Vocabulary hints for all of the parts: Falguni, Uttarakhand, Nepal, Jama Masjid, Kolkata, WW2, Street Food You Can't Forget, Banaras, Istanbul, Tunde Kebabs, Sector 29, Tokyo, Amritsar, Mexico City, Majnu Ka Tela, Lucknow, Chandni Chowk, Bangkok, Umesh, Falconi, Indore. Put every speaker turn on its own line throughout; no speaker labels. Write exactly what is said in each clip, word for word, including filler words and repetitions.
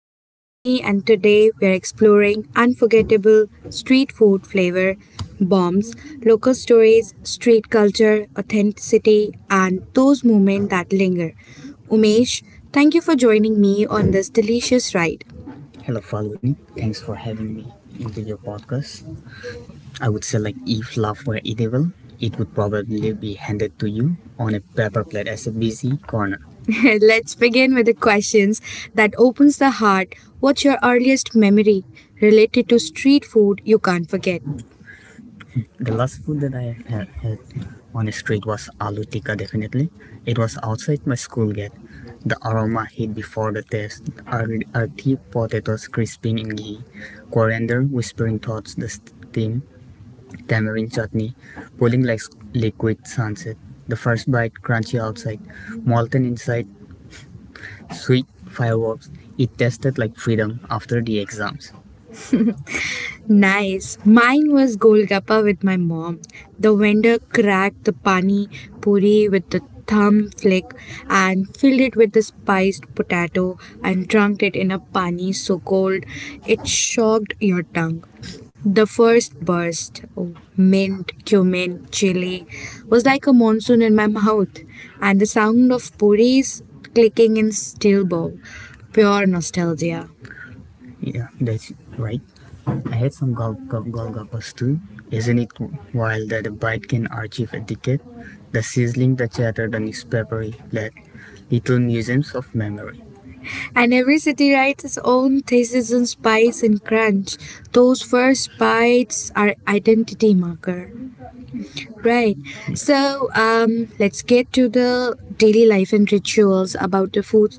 I'm Falconi, and today we're exploring unforgettable street food flavor bombs, local stories, street culture, authenticity, and those moments that linger. Umesh, thank you for joining me on this delicious ride. Hello, Falguni. Thanks for having me into your podcast. I would say like if love were edible, it would probably be handed to you on a paper plate as a busy corner. Let's begin with the questions that opens the heart. What's your earliest memory related to street food you can't forget? The last food that I had, had on the street was aloo tikka definitely. It was outside my school gate. The aroma hit before the taste. Earthy potatoes crisping in ghee, coriander whispering thoughts, the steam tamarind chutney, pulling like liquid sunset, the first bite crunchy outside, molten inside, sweet fireworks. It tasted like freedom after the exams. Nice. Mine was Golgappa with my mom. The vendor cracked the pani puri with the thumb flick and filled it with the spiced potato and drunk it in a pani so cold it shocked your tongue. The first burst of mint, cumin, chili was like a monsoon in my mouth, and the sound of puris clicking in steel bowl, pure nostalgia. Yeah, that's right. I had some gul- gul- gulgapas too. Isn't it wild that a bride can achieve etiquette? The sizzling, the chatter, the newspaper, like little museums of memory. And every city writes its own thesis in spice and crunch. Those first bites are identity marker, right? So um, let's get to the daily life and rituals about the food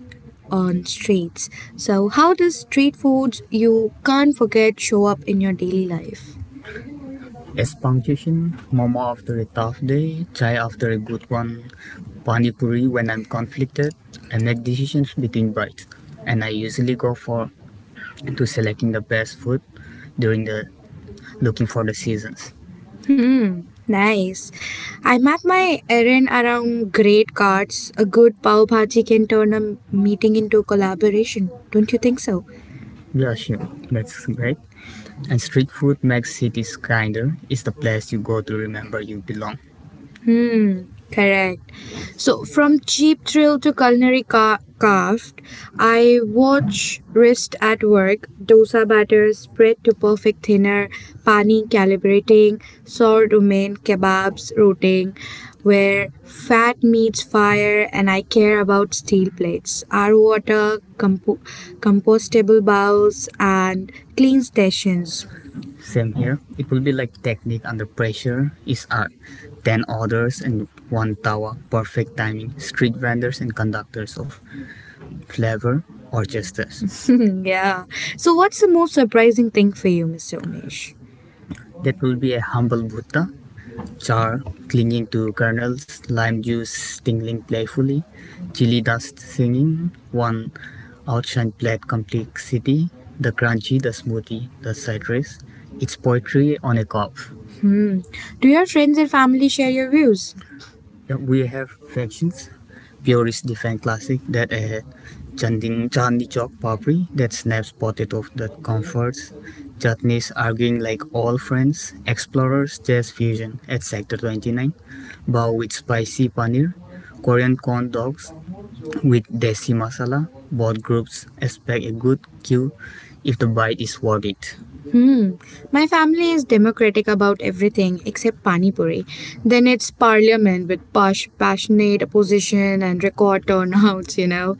on streets. So how does street foods you can't forget show up in your daily life? As punctuation, momo after a tough day, chai after a good one, pani puri when I'm conflicted. I make decisions between bites, and I usually go for to selecting the best food during the looking for the seasons. Hmm, nice. I map my errand around great cards. A good pav bhaji can turn a meeting into a collaboration. Don't you think so? Yeah, sure. That's great. And street food makes cities kinder. It's the place you go to remember you belong. Hmm, correct. So from cheap thrill to culinary ca- craft, I watch wrist at work, dosa batter spread to perfect thinner, pani calibrating, sour domain kebabs rotating, where fat meets fire, and I care about steel plates, our water, compo- compostable bowls, and clean stations same here. It will be like technique under pressure is art. Ten orders and one tawa, perfect timing. Street vendors and conductors of flavor or justice. Yeah. So, what's the most surprising thing for you, Mister Umesh? That will be a humble Buddha, char clinging to kernels, lime juice tingling playfully, chili dust singing, one outshine plate complexity, the crunchy, the smoothie, the citrus. It's poetry on a cup. Do your friends and family share your views? Yeah, we have factions. Purists defend classic that ahead. Chanding Chandi Chowk Papri that snaps potato that comforts. Chutneys arguing like all friends. Explorers Jazz Fusion at Sector twenty-nine. Bao with spicy paneer. Korean corn dogs with desi masala, both groups expect a good queue if the bite is worth it. Hmm. My family is democratic about everything except Pani Puri. Then it's parliament with posh, passionate opposition and record turnouts, you know.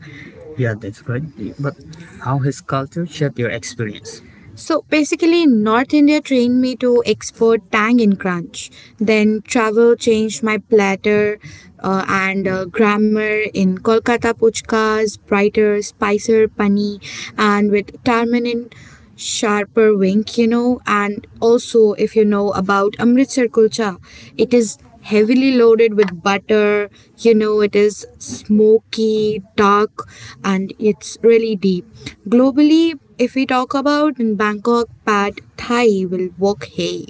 Yeah, that's great. But how has culture shaped your experience? So basically, North India trained me to export tang in crunch. Then travel changed my platter uh, and uh, grammar in Kolkata puchkas, brighter, spicier pani, and with tamarind sharper wink, you know. And also, if you know about Amritsar kulcha, it is heavily loaded with butter. You know, it is smoky, dark, and it's really deep. Globally, if we talk about in Bangkok, pad thai will walk hay,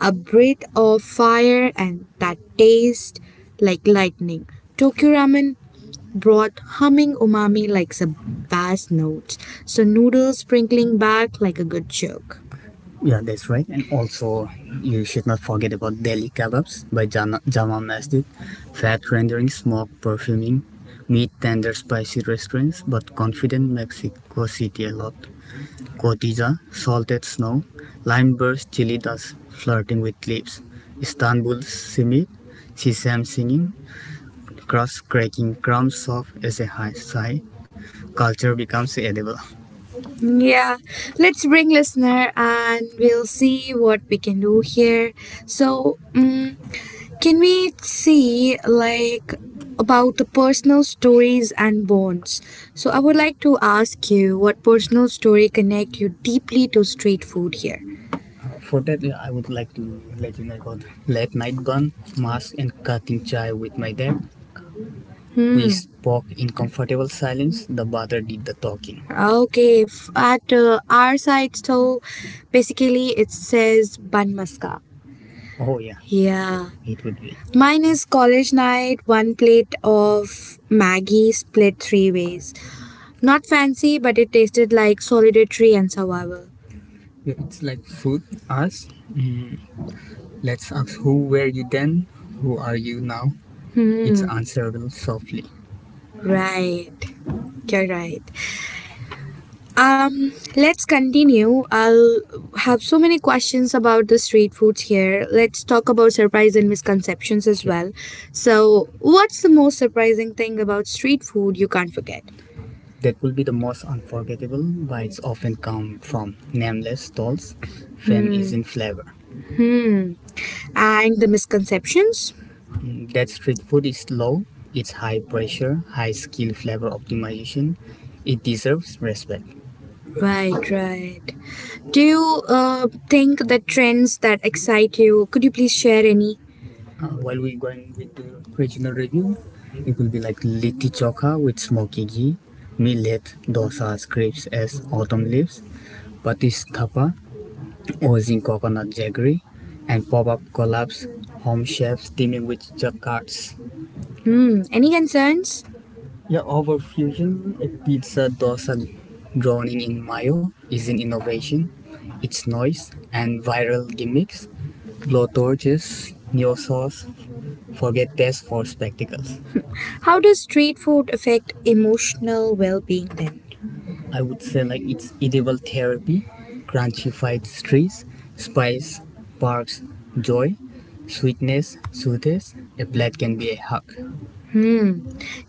a breath of fire and that taste like lightning. Tokyo ramen brought humming umami like a bass notes, so noodles sprinkling back like a good joke. Yeah, that's right. And also, you should not forget about Delhi kebabs by Jana- Jamal Masjid. Fat rendering, smoke perfuming, meat tender, spicy restaurants, but confident Mexico City a lot. Cotija, salted snow, lime burst, chili dust, flirting with leaves. Istanbul simit, sesame singing, crust cracking, crumbs soft as a high sigh. Culture becomes edible. Yeah, let's bring listener and we'll see what we can do here. So, mm can we see like about the personal stories and bonds? So, I would like to ask you what personal story connect you deeply to street food here. For that, I would like to let you know about late night bun, mask, and cutting chai with my dad. Hmm. We Hmm. spoke in comfortable silence. The brother did the talking. Okay. f- At uh, our side, so basically it says ban maska. Oh, yeah, Yeah. it would be. Mine is college night, one plate of Maggie split three ways. Not fancy, but it tasted like solidarity and survival. It's like food. Us. Mm, let's ask who were you then? Who are you now? Hmm. It's Hmm. answerable softly. Right. You're right. Um, let's continue. I'll have so many questions about the street foods here. Let's talk about surprise and misconceptions as well. So, what's the most surprising thing about street food you can't forget? That will be the most unforgettable bites often come from nameless stalls. Fame Hmm. is in flavor. Hmm. And the misconceptions? Mm, That street food is low, it's high pressure, high skill flavor optimization. It deserves respect. Right, right. Do you uh, think the trends that excite you? Could you please share any? Uh, while we're going with the regional review, it will be like Litti Chokha with smoky ghee, millet, dosas, grapes as autumn leaves, Patis Thapa, oozing coconut jaggery, and pop-up collabs, home chefs teaming with jacquards. Hmm. Any concerns? The overfusion a pizza dosa drowning in mayo is an innovation. Its noise and viral gimmicks, blowtorches, neo sauce, forget tests for spectacles. How does street food affect emotional well being then? I would say like it's edible therapy, crunchified streets, spice, parks, joy, sweetness, soothes. A plate can be a hug.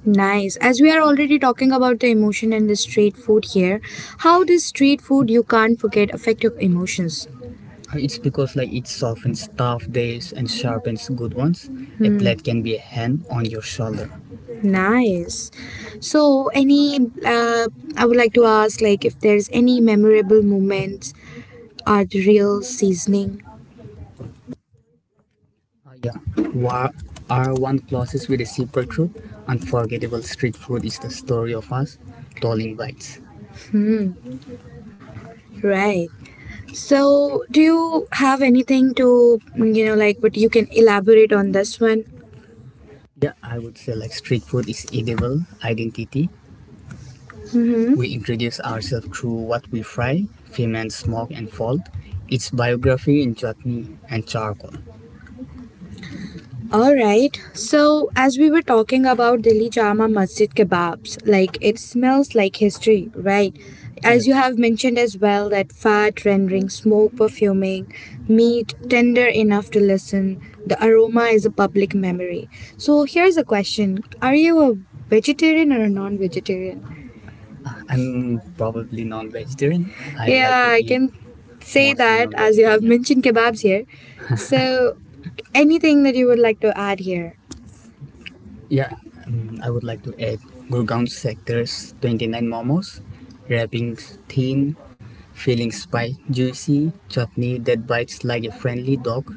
Nice. As we are already talking about the emotion and the street food here, how does street food you can't forget affect your emotions? Uh, It's because like it softens tough days and sharpens good ones. A Hmm. plate can be a hand on your shoulder. Nice. So, any uh, I would like to ask, like, if there's any memorable moments are the real seasoning. Uh, yeah. Wha- our one classes with a simple truth. Unforgettable street food is the story of us. Tolling bites. Right. So, do you have anything to, you know, like, but you can elaborate on this one? Yeah, I would say like street food is edible identity. Hmm? We introduce ourselves through what we fry, ferment, smoke and fold. It's biography in chutney and charcoal. All right. So, as we were talking about Delhi Jama Masjid kebabs, like it smells like history, right? As you Yes. have mentioned as well, that fat rendering, smoke perfuming, meat tender enough to listen, the aroma is a public memory. So, here's a question. Are you a vegetarian or a non vegetarian? I'm probably non vegetarian. I like Yeah, to I eat can say mostly that as you have vegetarian. Mentioned kebabs here. So, anything that you would like to add here? Yeah, um, I would like to add Gurgaon sectors twenty-nine momos, wrappings thin, filling spicy, juicy, chutney that bites like a friendly dog,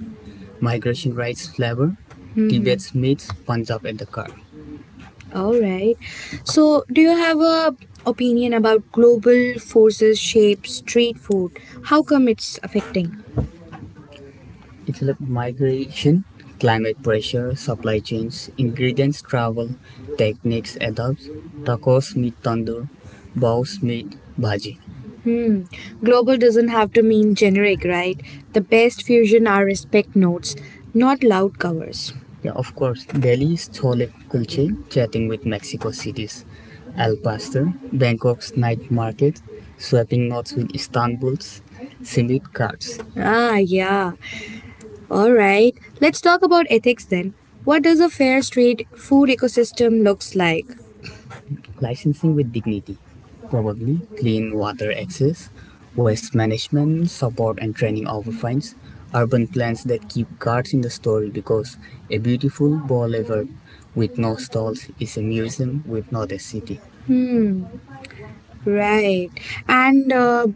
migration rice flavor, Tibet's meats, Punjab at the car. All right. So, do you have a opinion about global forces shape street food? How come it's affecting? It helps migration, climate pressure, supply chains, ingredients travel, techniques adapts, tacos meet tandoor, bows meet bhaji. Global doesn't have to mean generic, right? The best fusion are respect notes, not loud covers. Yeah, of course, Delhi's chole kulche chatting with Mexico City's al pastor, Bangkok's night market, swapping notes with Istanbul's simit cards. Ah, yeah. All right, let's talk about ethics then. What does a fair street food ecosystem looks like? Licensing with dignity, probably clean water access, waste management, support and training over fines, urban plans that keep cards in the story because a beautiful boulevard with no stalls is a museum with not a city. Right. And uh,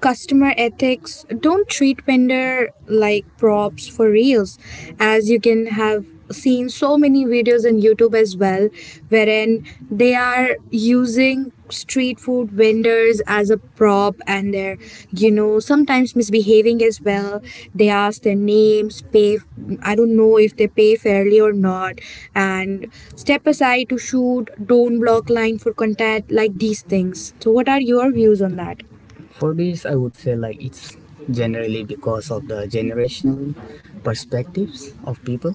customer ethics, don't treat vendor like props for reels, as you can have seen so many videos on YouTube as well, wherein they are using street food vendors as a prop and they're you know sometimes misbehaving as well. They ask their names, pay. I don't know if they pay fairly or not, and step aside to shoot, don't block line for contact, like these things. So what are your views on that? For this, I would say like it's generally because of the generational perspectives of people,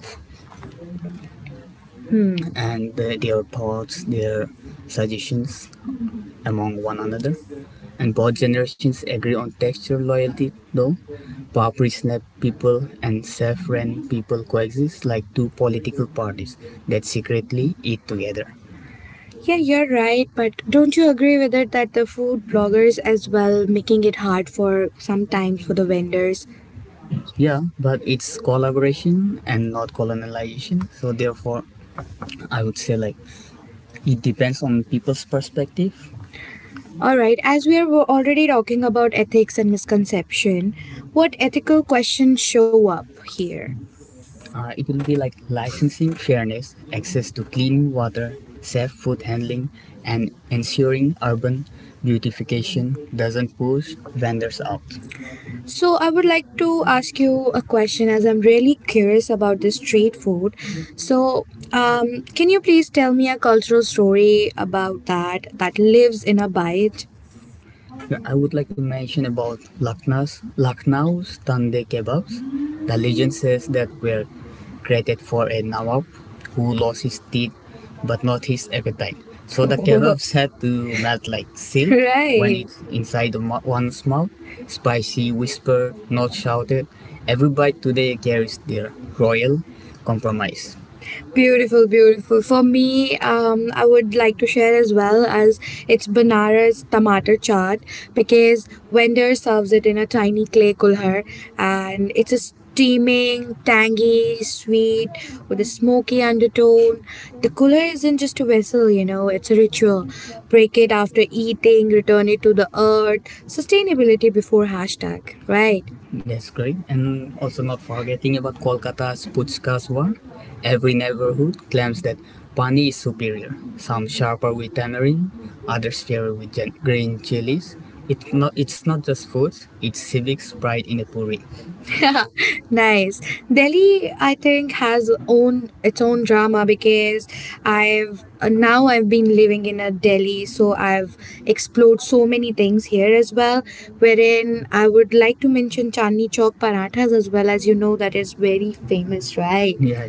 and the, their thoughts, their suggestions among one another. And both generations agree on texture loyalty, though. Papri Snap people and Safran people coexist like two political parties that secretly eat together. Yeah, you're right, but don't you agree with it that the food bloggers as well making it hard for sometimes for the vendors? Yeah, but it's collaboration and not colonization. So therefore, I would say like it depends on people's perspective. Alright, as we are already talking about ethics and misconception, what ethical questions show up here? Uh, it will be like licensing fairness, access to clean water, safe food handling, and ensuring urban beautification doesn't push vendors out. So I would like to ask you a question as I'm really curious about this street food. So um, can you please tell me a cultural story about that that lives in a bite? I would like to mention about Lucknow's, Lucknow's Tunde Kebabs. The legend says that were created for a Nawab who lost his teeth but not his appetite. So the kebabs had to melt like silk right. When right, it's inside the mo- one's mouth. Spicy whisper, not shouted. Every bite today carries their royal compromise. Beautiful, beautiful. For me, um, I would like to share as well as it's Banaras tomato chaat, because vendor serves it in a tiny clay kulhar, and it's a steaming, tangy, sweet with a smoky undertone. The kulhar isn't just a vessel, you know, it's a ritual. Break it after eating, return it to the earth. Sustainability before hashtag, right? That's great. And also not forgetting about Kolkata's Puchkas war. Every neighborhood claims that pani is superior. Some sharper with tamarind, others fairer with gen- green chilies. It's not, it's not just food, it's civics pride in a puri. Yeah, nice. Delhi, I think, has own its own drama, because I've uh, now I've been living in a Delhi, so I've explored so many things here as well, wherein I would like to mention Chandni Chowk parathas as well, as you know that is very famous, right? Yeah.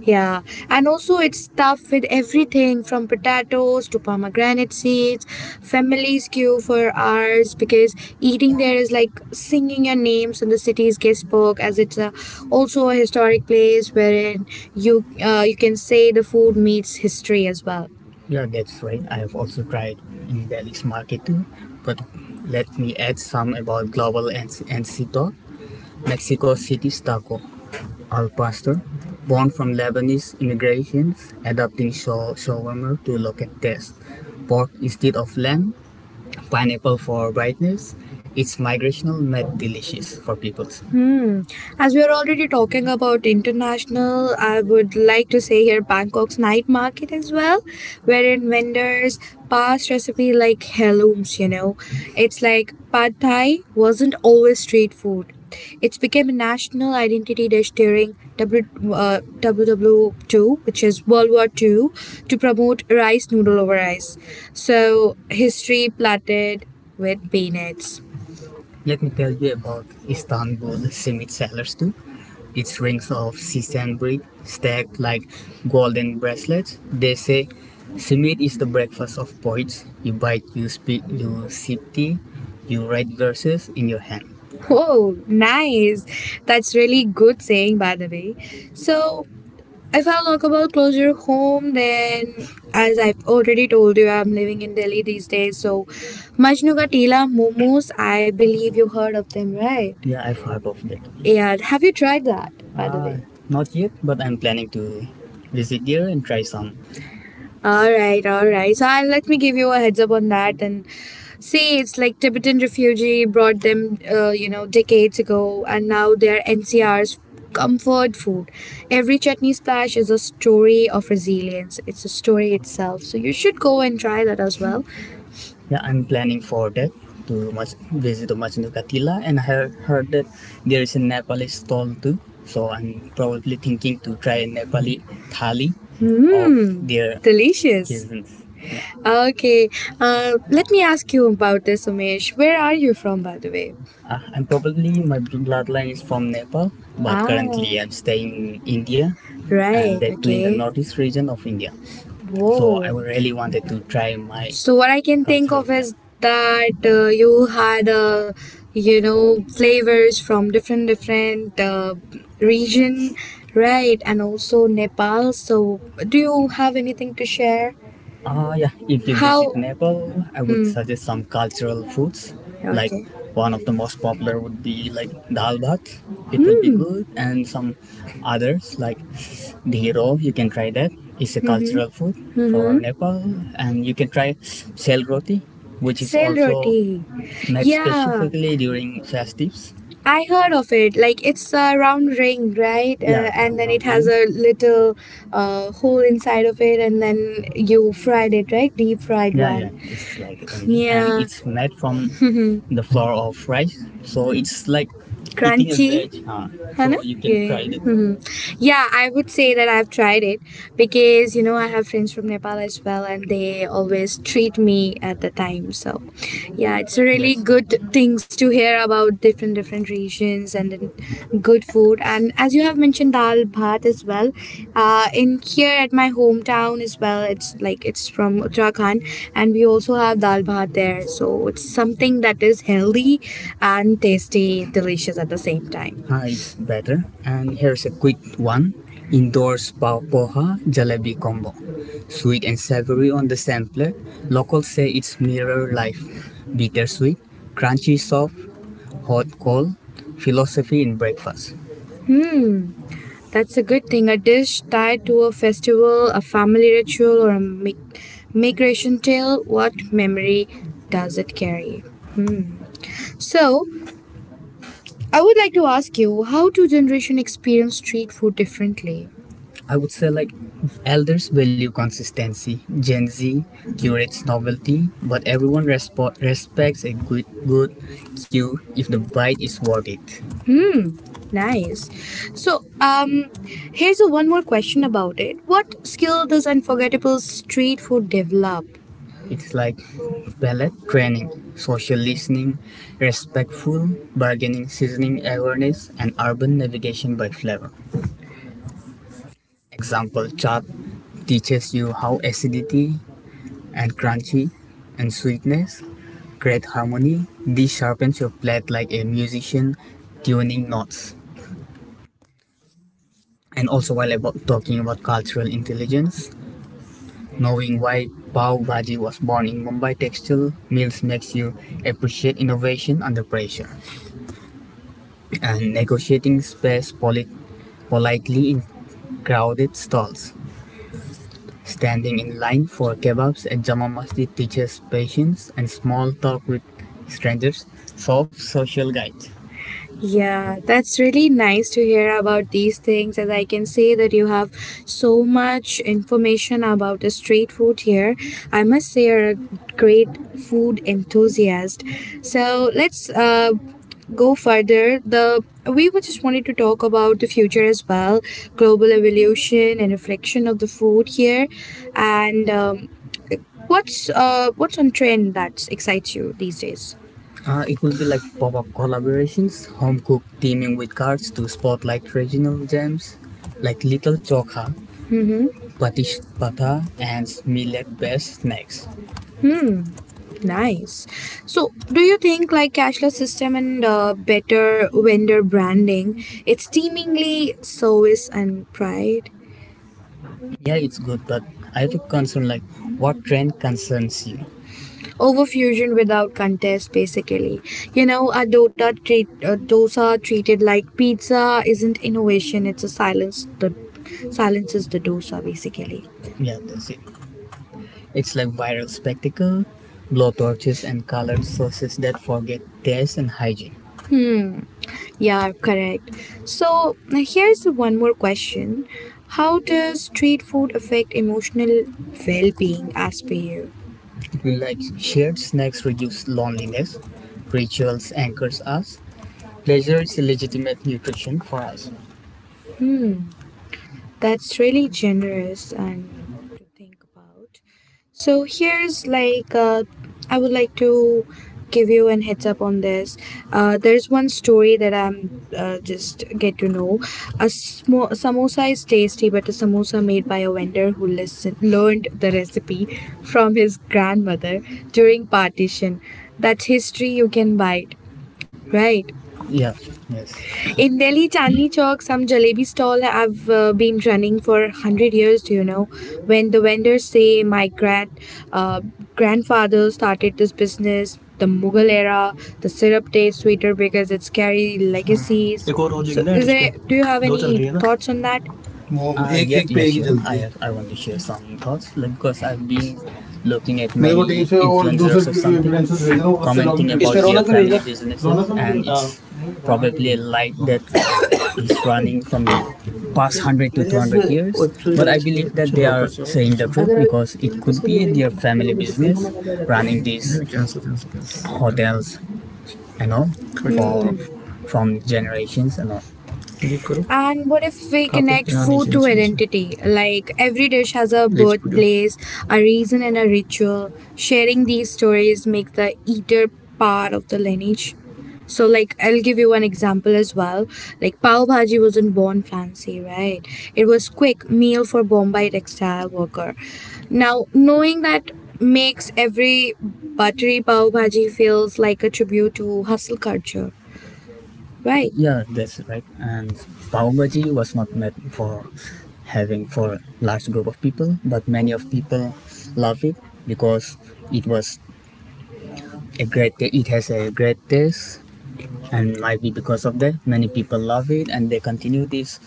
Yeah, and also it's stuffed with everything from potatoes to pomegranate seeds. Families queue for hours, because eating there is like singing your names in the city's guestbook, as it's a, also a historic place wherein you uh, you can say the food meets history as well. Yeah, that's right. I have also tried in Delhi's market too. But let me add some about global and and talk. Mexico City's taco. Al-Pastor, born from Lebanese immigrants, adopting shaw- shawarma to local taste, pork instead of lamb, pineapple for brightness, its migrational made delicious for people. As we are already talking about international, I would like to say here Bangkok's night market as well, wherein vendors pass recipe like heirlooms, you know. It's like pad thai wasn't always street food. It's became a national identity dish during W, uh, world war two, which is World War two, to promote rice noodle over rice. So, history plated with peanuts. Let me tell you about Istanbul cement sellers too. Its rings of sea sand brick stacked like golden bracelets. They say cement is the breakfast of poets. You bite, you speak, you sip tea, you write verses in your hand. Whoa, nice. That's really good saying, by the way. So, if I'll talk about closer home, then as I've already told you, I'm living in Delhi these days. So, Majnu Ka Tela momos, I believe you heard of them, right? Yeah, I've heard of that. Yeah, have you tried that, by the Uh, way? Not yet, but I'm planning to visit there and try some. All right, all right. So I'll, let me give you a heads up on that and see. It's like Tibetan refugee brought them, uh, you know, decades ago, and now they're N C R's comfort food. Every chutney splash is a story of resilience. It's a story itself. So you should go and try that as well. Yeah, I'm planning for that to much visit to Machu Katila, and I heard, heard that there is a Nepali stall too. So I'm probably thinking to try Nepali thali of mm, their delicious cuisines. Okay. Uh, let me ask you about this, Umesh. Where are you from, by the way? Uh, I'm probably my bloodline is from Nepal, but ah, currently I'm staying in India, and right, that too in the okay northeast region of India. So I whoa really wanted to try my, so what I can think culture of, yeah, is that uh, you had uh, you know flavors from different different uh, region, right? And also Nepal. So do you have anything to share? Uh, yeah, if you How- visit Nepal, I would hmm suggest some cultural foods. Like, okay, one of the most popular would be like dal bhat. It will be hmm good, and some others like dhiro. You can try that. It's a mm-hmm cultural food for mm-hmm Nepal, and you can try sel roti, which is sell also roti, made yeah specifically during festives. I heard of it. Like it's a round ring, right? Uh, Yeah, it's a, and then it round has ring, a little uh, hole inside of it, and then you fried it, right? Deep fried, yeah, yeah, one, it's like crunchy and and yeah, it's made from the flour of rice, so it's like eating a crunchy veg. Huh? है ना, so you can ये try it. Yeah, I would say that I've tried it because you know I have friends from Nepal as well, and they always treat me at the time. So, yeah, it's a really yes good things to hear about different different regions and then good food. And as you have mentioned, dal bhat as well. Uh, in here at my hometown as well. It's like it's from Uttarakhand, and we also have dal bhat there. So it's something that is healthy and tasty, delicious at the same time. Ah, it's better. And here's a quick one. Indoors pav poha jalebi combo. Sweet and savory on the same plate. Locals say it's mirror life. Bittersweet, crunchy soft, hot cold. Philosophy in breakfast. Hmm, that's a good thing. A dish tied to a festival, a family ritual, or a mi- migration tale. What memory does it carry? Hmm. So, I would like to ask you, how do generation experience street food differently? I would say like elders value consistency. Gen Z curates novelty, but everyone respo- respects a good good cue if the bite is worth it. Nice. So, um, here's a one more question about it. What skill does unforgettable street food develop? It's like ballet training, social listening, respectful bargaining, seasoning awareness, and urban navigation by flavor. Example chop teaches you how acidity and crunchy and sweetness create harmony. This sharpens your palate like a musician tuning notes. And also, while about talking about cultural intelligence, knowing why Pav Bhaji was born in Mumbai textile mills makes you appreciate innovation under pressure, and negotiating space poli- politely in crowded stalls. Standing in line for kebabs at Jama Masjid teaches patience and small talk with strangers, soft social guide. Yeah, that's really nice to hear about these things. As I can say that you have so much information about the street food here. I must say you're a great food enthusiast. So let's uh, go further. The we were just wanted to talk about the future as well, global evolution and reflection of the food here, and um, what's uh what's on trend that excites you these days? Uh, it will be like pop-up collaborations, home cook teaming with cards to spotlight regional gems like Little Chokha, Patish Pata, and millet-based snacks. Hmm, nice. So, do you think like cashless system and uh, better vendor branding, it's teemingly service and pride? Yeah, it's good, but I have a concern like, what trend concerns you? Overfusion without contest, basically. You know, a Dota treat, a dosa treated like pizza isn't innovation; it's a silence. The silences the dosa, basically. Yeah, that's it. It's like viral spectacle, blowtorches and colored sauces that forget taste and hygiene. Yeah, correct. So now here's one more question: how does street food affect emotional well-being, as per you? Like shared snacks reduce loneliness. Rituals anchors us. Pleasure is a legitimate nutrition for us. That's really generous and to think about. So here's like uh, I would like to give you an heads up on this. Uh, there's one story that I'm uh, just get to know. A smo- samosa is tasty, but a samosa made by a vendor who listened learned the recipe from his grandmother during partition. That's history you can buy. Right. Yeah, yes. In Delhi Chandni Chowk, some jalebi stall have uh, been running for a hundred years, do you know? When the vendors say my grand, uh, grandfather started this business, the Mughal era, the syrup tastes sweeter because it's carry legacies.
एक और हो
So
जाएगी ना add
is
इस पे।
there do you have
दो चल
any
रही है ना।
thoughts on that?
वो
Uh,
एक
yeah,
एक
yeah,
पे एक ही
sure. I
चलती है।
have, I want to share some thoughts, like because I've been looking at
मेरे को टीम
many
से और दूसरे
influencers or something,
क्रेडेंशियल्स भेज रहा हूँ, और उससे लॉगिन
commenting
करके इस
about
पे
their
रौनक पे भेजना।
family
रौनक
businesses,
को ना भेजो।
and
हाँ
it's
नहीं, रौनक को
probably a light
भेजो।
that
Raunak
is running from the past
ये-
hundred to
मेरे
two
ख्याल से इसमें
hundred years.
एक्चुअली
But
करेंगे
I
सही।
believe
अच्छा,
that
तो जो
they are
वापस जाओ,
saying
वापस
the
जाओ।
truth
अगर अभी
because
चल रहा
it
है तो
could
उसको
be
बोलेंगे
their
कि
family
हम तो पेपर
business
में लगे जाते हैं।
running these
नहीं, cancel cancel cancel.
hotels, you know,
cut कर
for
दो।
Mm. from generations and all.
Leave करो।
And what if we
कहाँ पे?
connect
यहाँ
food
नीचे
to
नीचे नीचे।
identity? Like, every dish has a
leave studio.
birthplace, a reason, and a ritual. Sharing these stories make the eater part of the lineage. So, like, I'll give you one example as well. Like, pav bhaji wasn't born fancy, right? It was quick meal for Bombay textile worker. Now, knowing that makes every buttery pav bhaji feels like a tribute to hustle culture, right? Yeah, that's right. And pav bhaji was not meant for having for large group of people, but many of people love it because it was a great. ta- it has a great taste, and might be because of that, many people love it and they continue this.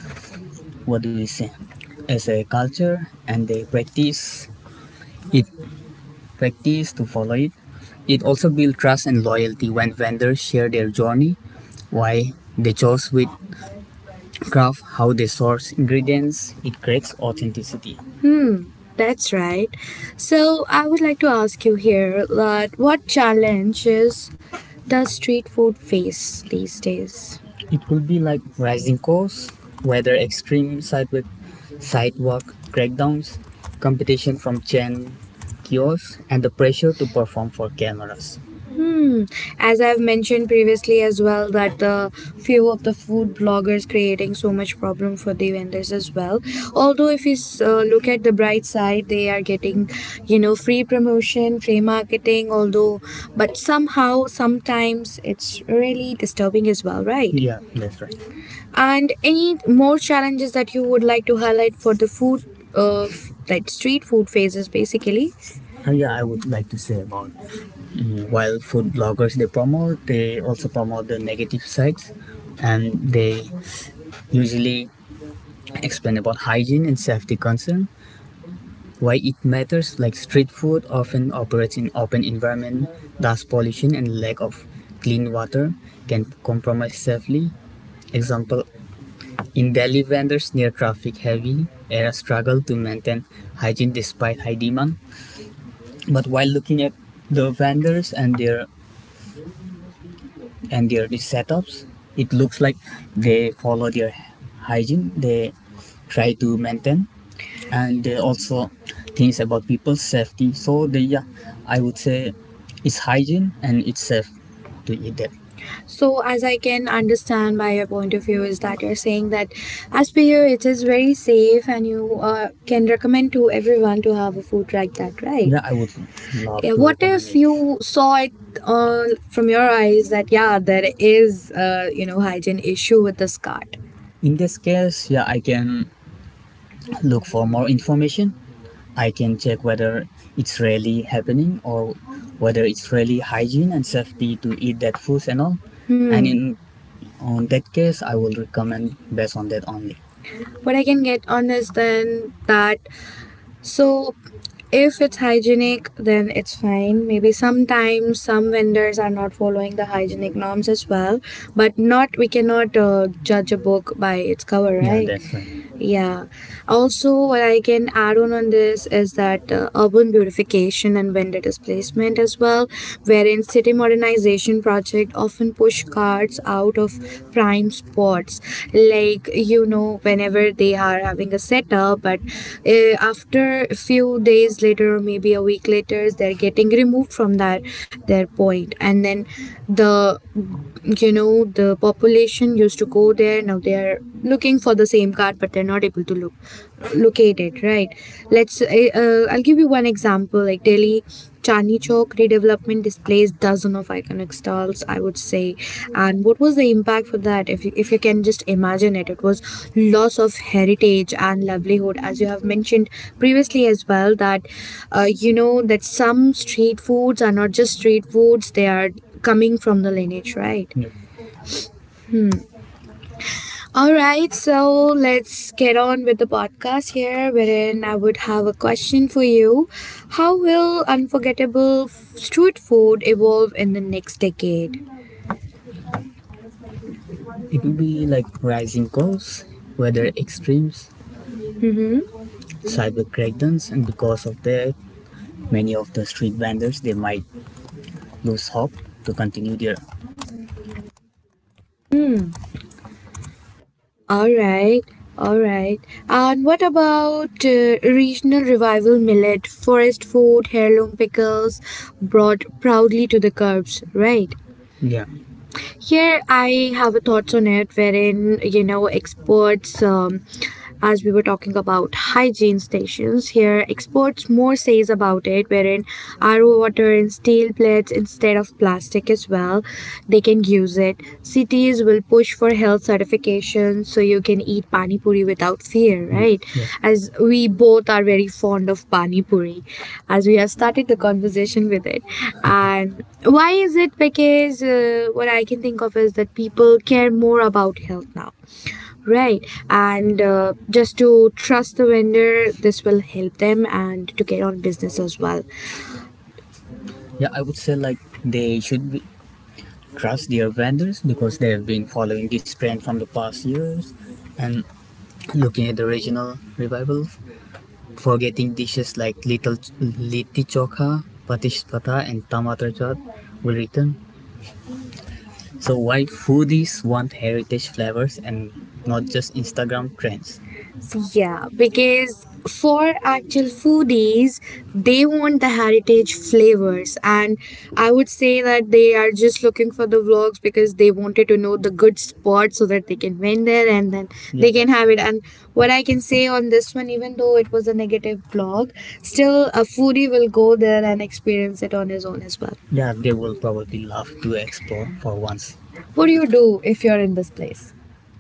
What do we say? As a culture, and they practice it. Practice to follow it. It also builds trust and loyalty when vendors share their journey, why they chose with. Graph how they source ingredients, it creates authenticity. Hmm, that's right. So I would like to ask you here that what challenges does street food face these days? It will be like rising costs, weather extreme, sidewalk sidewalk crackdowns, competition from chain kiosks, and the pressure to perform for cameras. Hmm. As I've mentioned previously as well, that the few of the food bloggers creating so much problem for the vendors as well. Although if you s- uh, look at the bright side, they are getting, you know, free promotion, free marketing. Although, but somehow, sometimes it's really disturbing as well, right? Yeah, that's right. And any more challenges that you would like to highlight for the food, uh, like street food phases, basically? Uh, yeah, I would like to say about mm, while food bloggers they promote, they also promote the negative sides, and they usually explain about hygiene and safety concern. Why it matters, like street food often operates in open environment, dust pollution and lack of clean water can compromise safely. Example, in Delhi, vendors near traffic heavy area struggle to maintain hygiene despite high demand. But while looking at the vendors and their and their setups, it looks like they follow their hygiene. They try to maintain and they also things about people's safety. So they yeah, I would say it's hygiene and it's safe to eat that. So, as I can understand by your point of view, is that you're saying that as per you, it is very safe and you uh, can recommend to everyone to have a food like that, right? Yeah, I would love. Yeah, to what recommend if it. You saw it uh, from your eyes that, yeah, there is, uh, you know, hygiene issue with this cart? In this case, yeah, I can look for more information. I can check whether it's really happening or whether it's really hygiene and safety to eat that food and all. And Hmm. in on that case, I will recommend based on that only. What I can get on is then that, so if it's hygienic then it's fine. Maybe sometimes some vendors are not following the hygienic norms as well, but not, we cannot uh, judge a book by its cover. Yeah, right. Yeah, that's right. Yeah. Also, what I can add on on this is that uh, urban beautification and vendor displacement as well, wherein city modernization project often push carts out of prime spots. Like, you know, whenever they are having a setup, but uh, after a few days later, or maybe a week later, they're getting removed from that their point, and then the, you know the population used to go there, now they are looking for the same card but they're not able to look locate it, right? let's uh, uh, I'll give you one example, like, Delhi Chandni Chowk redevelopment displays dozen of iconic stalls, I would say. And what was the impact for that? If you, if you can just imagine it, it was loss of heritage and livelihood, as you have mentioned previously as well that, uh, you know that some street foods are not just street foods, they are coming from the lineage, right? Yeah. Hmm. All right, so let's get on with the podcast here, wherein I would have a question for you. How will unforgettable f- street food evolve in the next decade? It will be like rising costs, weather extremes. Mm-hmm. Cyber crackdowns, and because of that, many of the street vendors they might lose hope to continue their. All right, all right. And what about uh, regional revival, millet, forest food, heirloom pickles brought proudly to the curbs, right? Yeah. Here I have a thoughts on it, wherein you know experts, um, as we were talking about hygiene stations. Here experts more says about it, wherein R O water in steel plates instead of plastic as well, they can use it. Cities will push for health certifications so you can eat pani puri without fear, right? Yeah. As we both are very fond of pani puri, as we have started the conversation with it. And why is it? Because uh, what I can think of is that people care more about health now. Right, and uh, just to trust the vendor, this will help them and to get on business as well. Yeah, I would say like they should be, trust their vendors because they have been following this trend from the past years, and looking at the regional revival, forgetting dishes like little liti chokha, patish pata, and tamatar chaat will return. So why foodies want heritage flavors and not just Instagram trends? Yeah, because for actual foodies, they want the heritage flavors, and I would say that they are just looking for the vlogs because they wanted to know the good spots so that they can win there and then they, yeah, can have it. And what I can say on this one, even though it was a negative vlog, still a foodie will go there and experience it on his own as well. Yeah, they will probably love to explore for once. What do you do if you're in this place?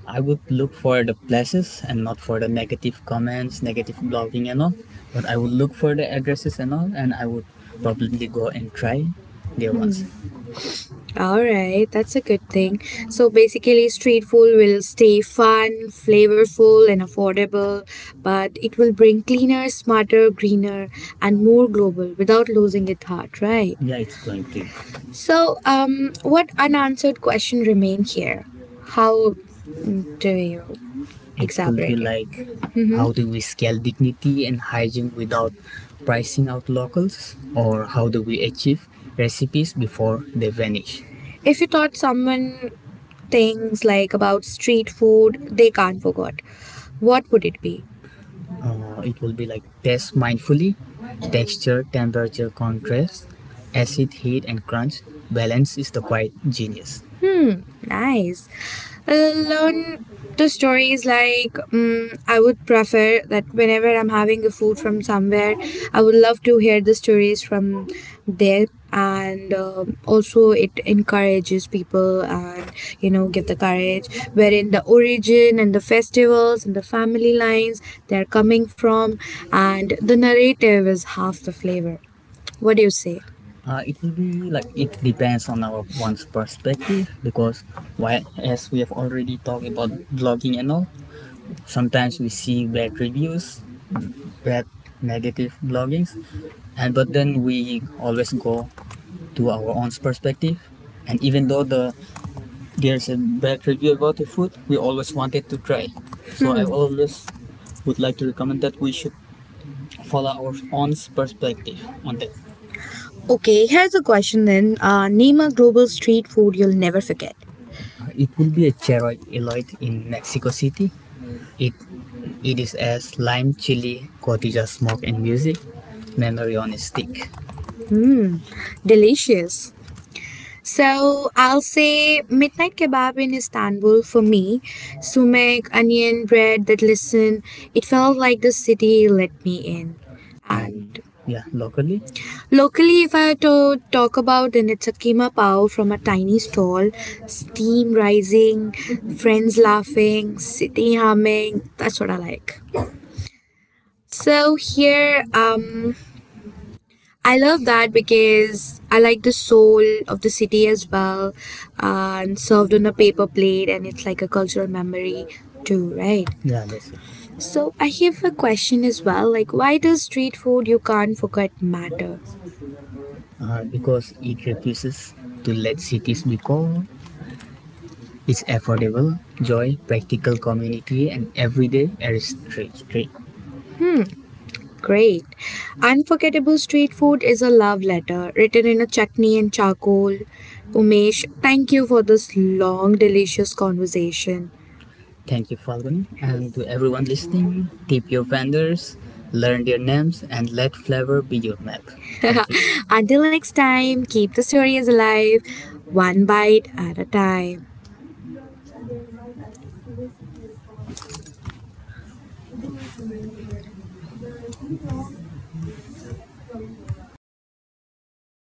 I would look for the places and not for the negative comments, negative blogging and all. But I would look for the addresses and all, and I would probably go and try there once. All right, that's a good thing. So basically, street food will stay fun, flavorful, and affordable, but it will bring cleaner, smarter, greener, and more global without losing its heart, right? Yeah, it's going to. So, um, what unanswered question remain here? How do you? It could be. Exactly. Like, mm-hmm, how do we scale dignity and hygiene without pricing out locals, or how do we achieve recipes before they vanish? If you taught someone things like about street food they can't forget, what would it be? Uh, it will be like taste mindfully, texture, temperature, contrast, acid, heat, and crunch. Balance is the quiet genius. Hmm, nice. Learn the stories, like, um, I would prefer that whenever I'm having a food from somewhere, I would love to hear the stories from there. And um, also, it encourages people and, you know, give the courage wherein the origin and the festivals and the family lines they're coming from, and the narrative is half the flavor. What do you say? Uh, it will be like it depends on our one's perspective because while as we have already talked about blogging and all, sometimes we see bad reviews, bad negative bloggings, and but then we always go to our own perspective. And even though the there's a bad review about the food, we always wanted to try. So hmm. I always would like to recommend that we should follow our own perspective on that. Okay, here's a question then. Uh, name a global street food you'll never forget. Uh, It will be a Cheroy Eloy in Mexico City. It it is as lime chili, cotija smoke and music, memory on a stick. Hmm, delicious. So I'll say midnight kebab in Istanbul for me. Sumac, onion, bread that listen. It felt like the city let me in. And And yeah, locally? locally, if I to talk about, then it's a keema pao from a tiny stall. Steam rising, friends laughing, city humming. That's what I like. So here, um, I love that because I like the soul of the city as well, uh, and served on a paper plate, and it's like a cultural memory too, right? Yeah, that's it. So I have a question as well, like why does street food you can't forget matter? Uh, because it refuses to let cities be cold. It's affordable, joy, practical community, and everyday artistry. Great. Unforgettable Street Food is a love letter written in a chutney and charcoal. Umesh, thank you for this long, delicious conversation. Thank you, Falguni. And to everyone listening, tip your vendors, learn their names, and let flavor be your map. Thank you. Until next time, keep the stories alive, one bite at a time.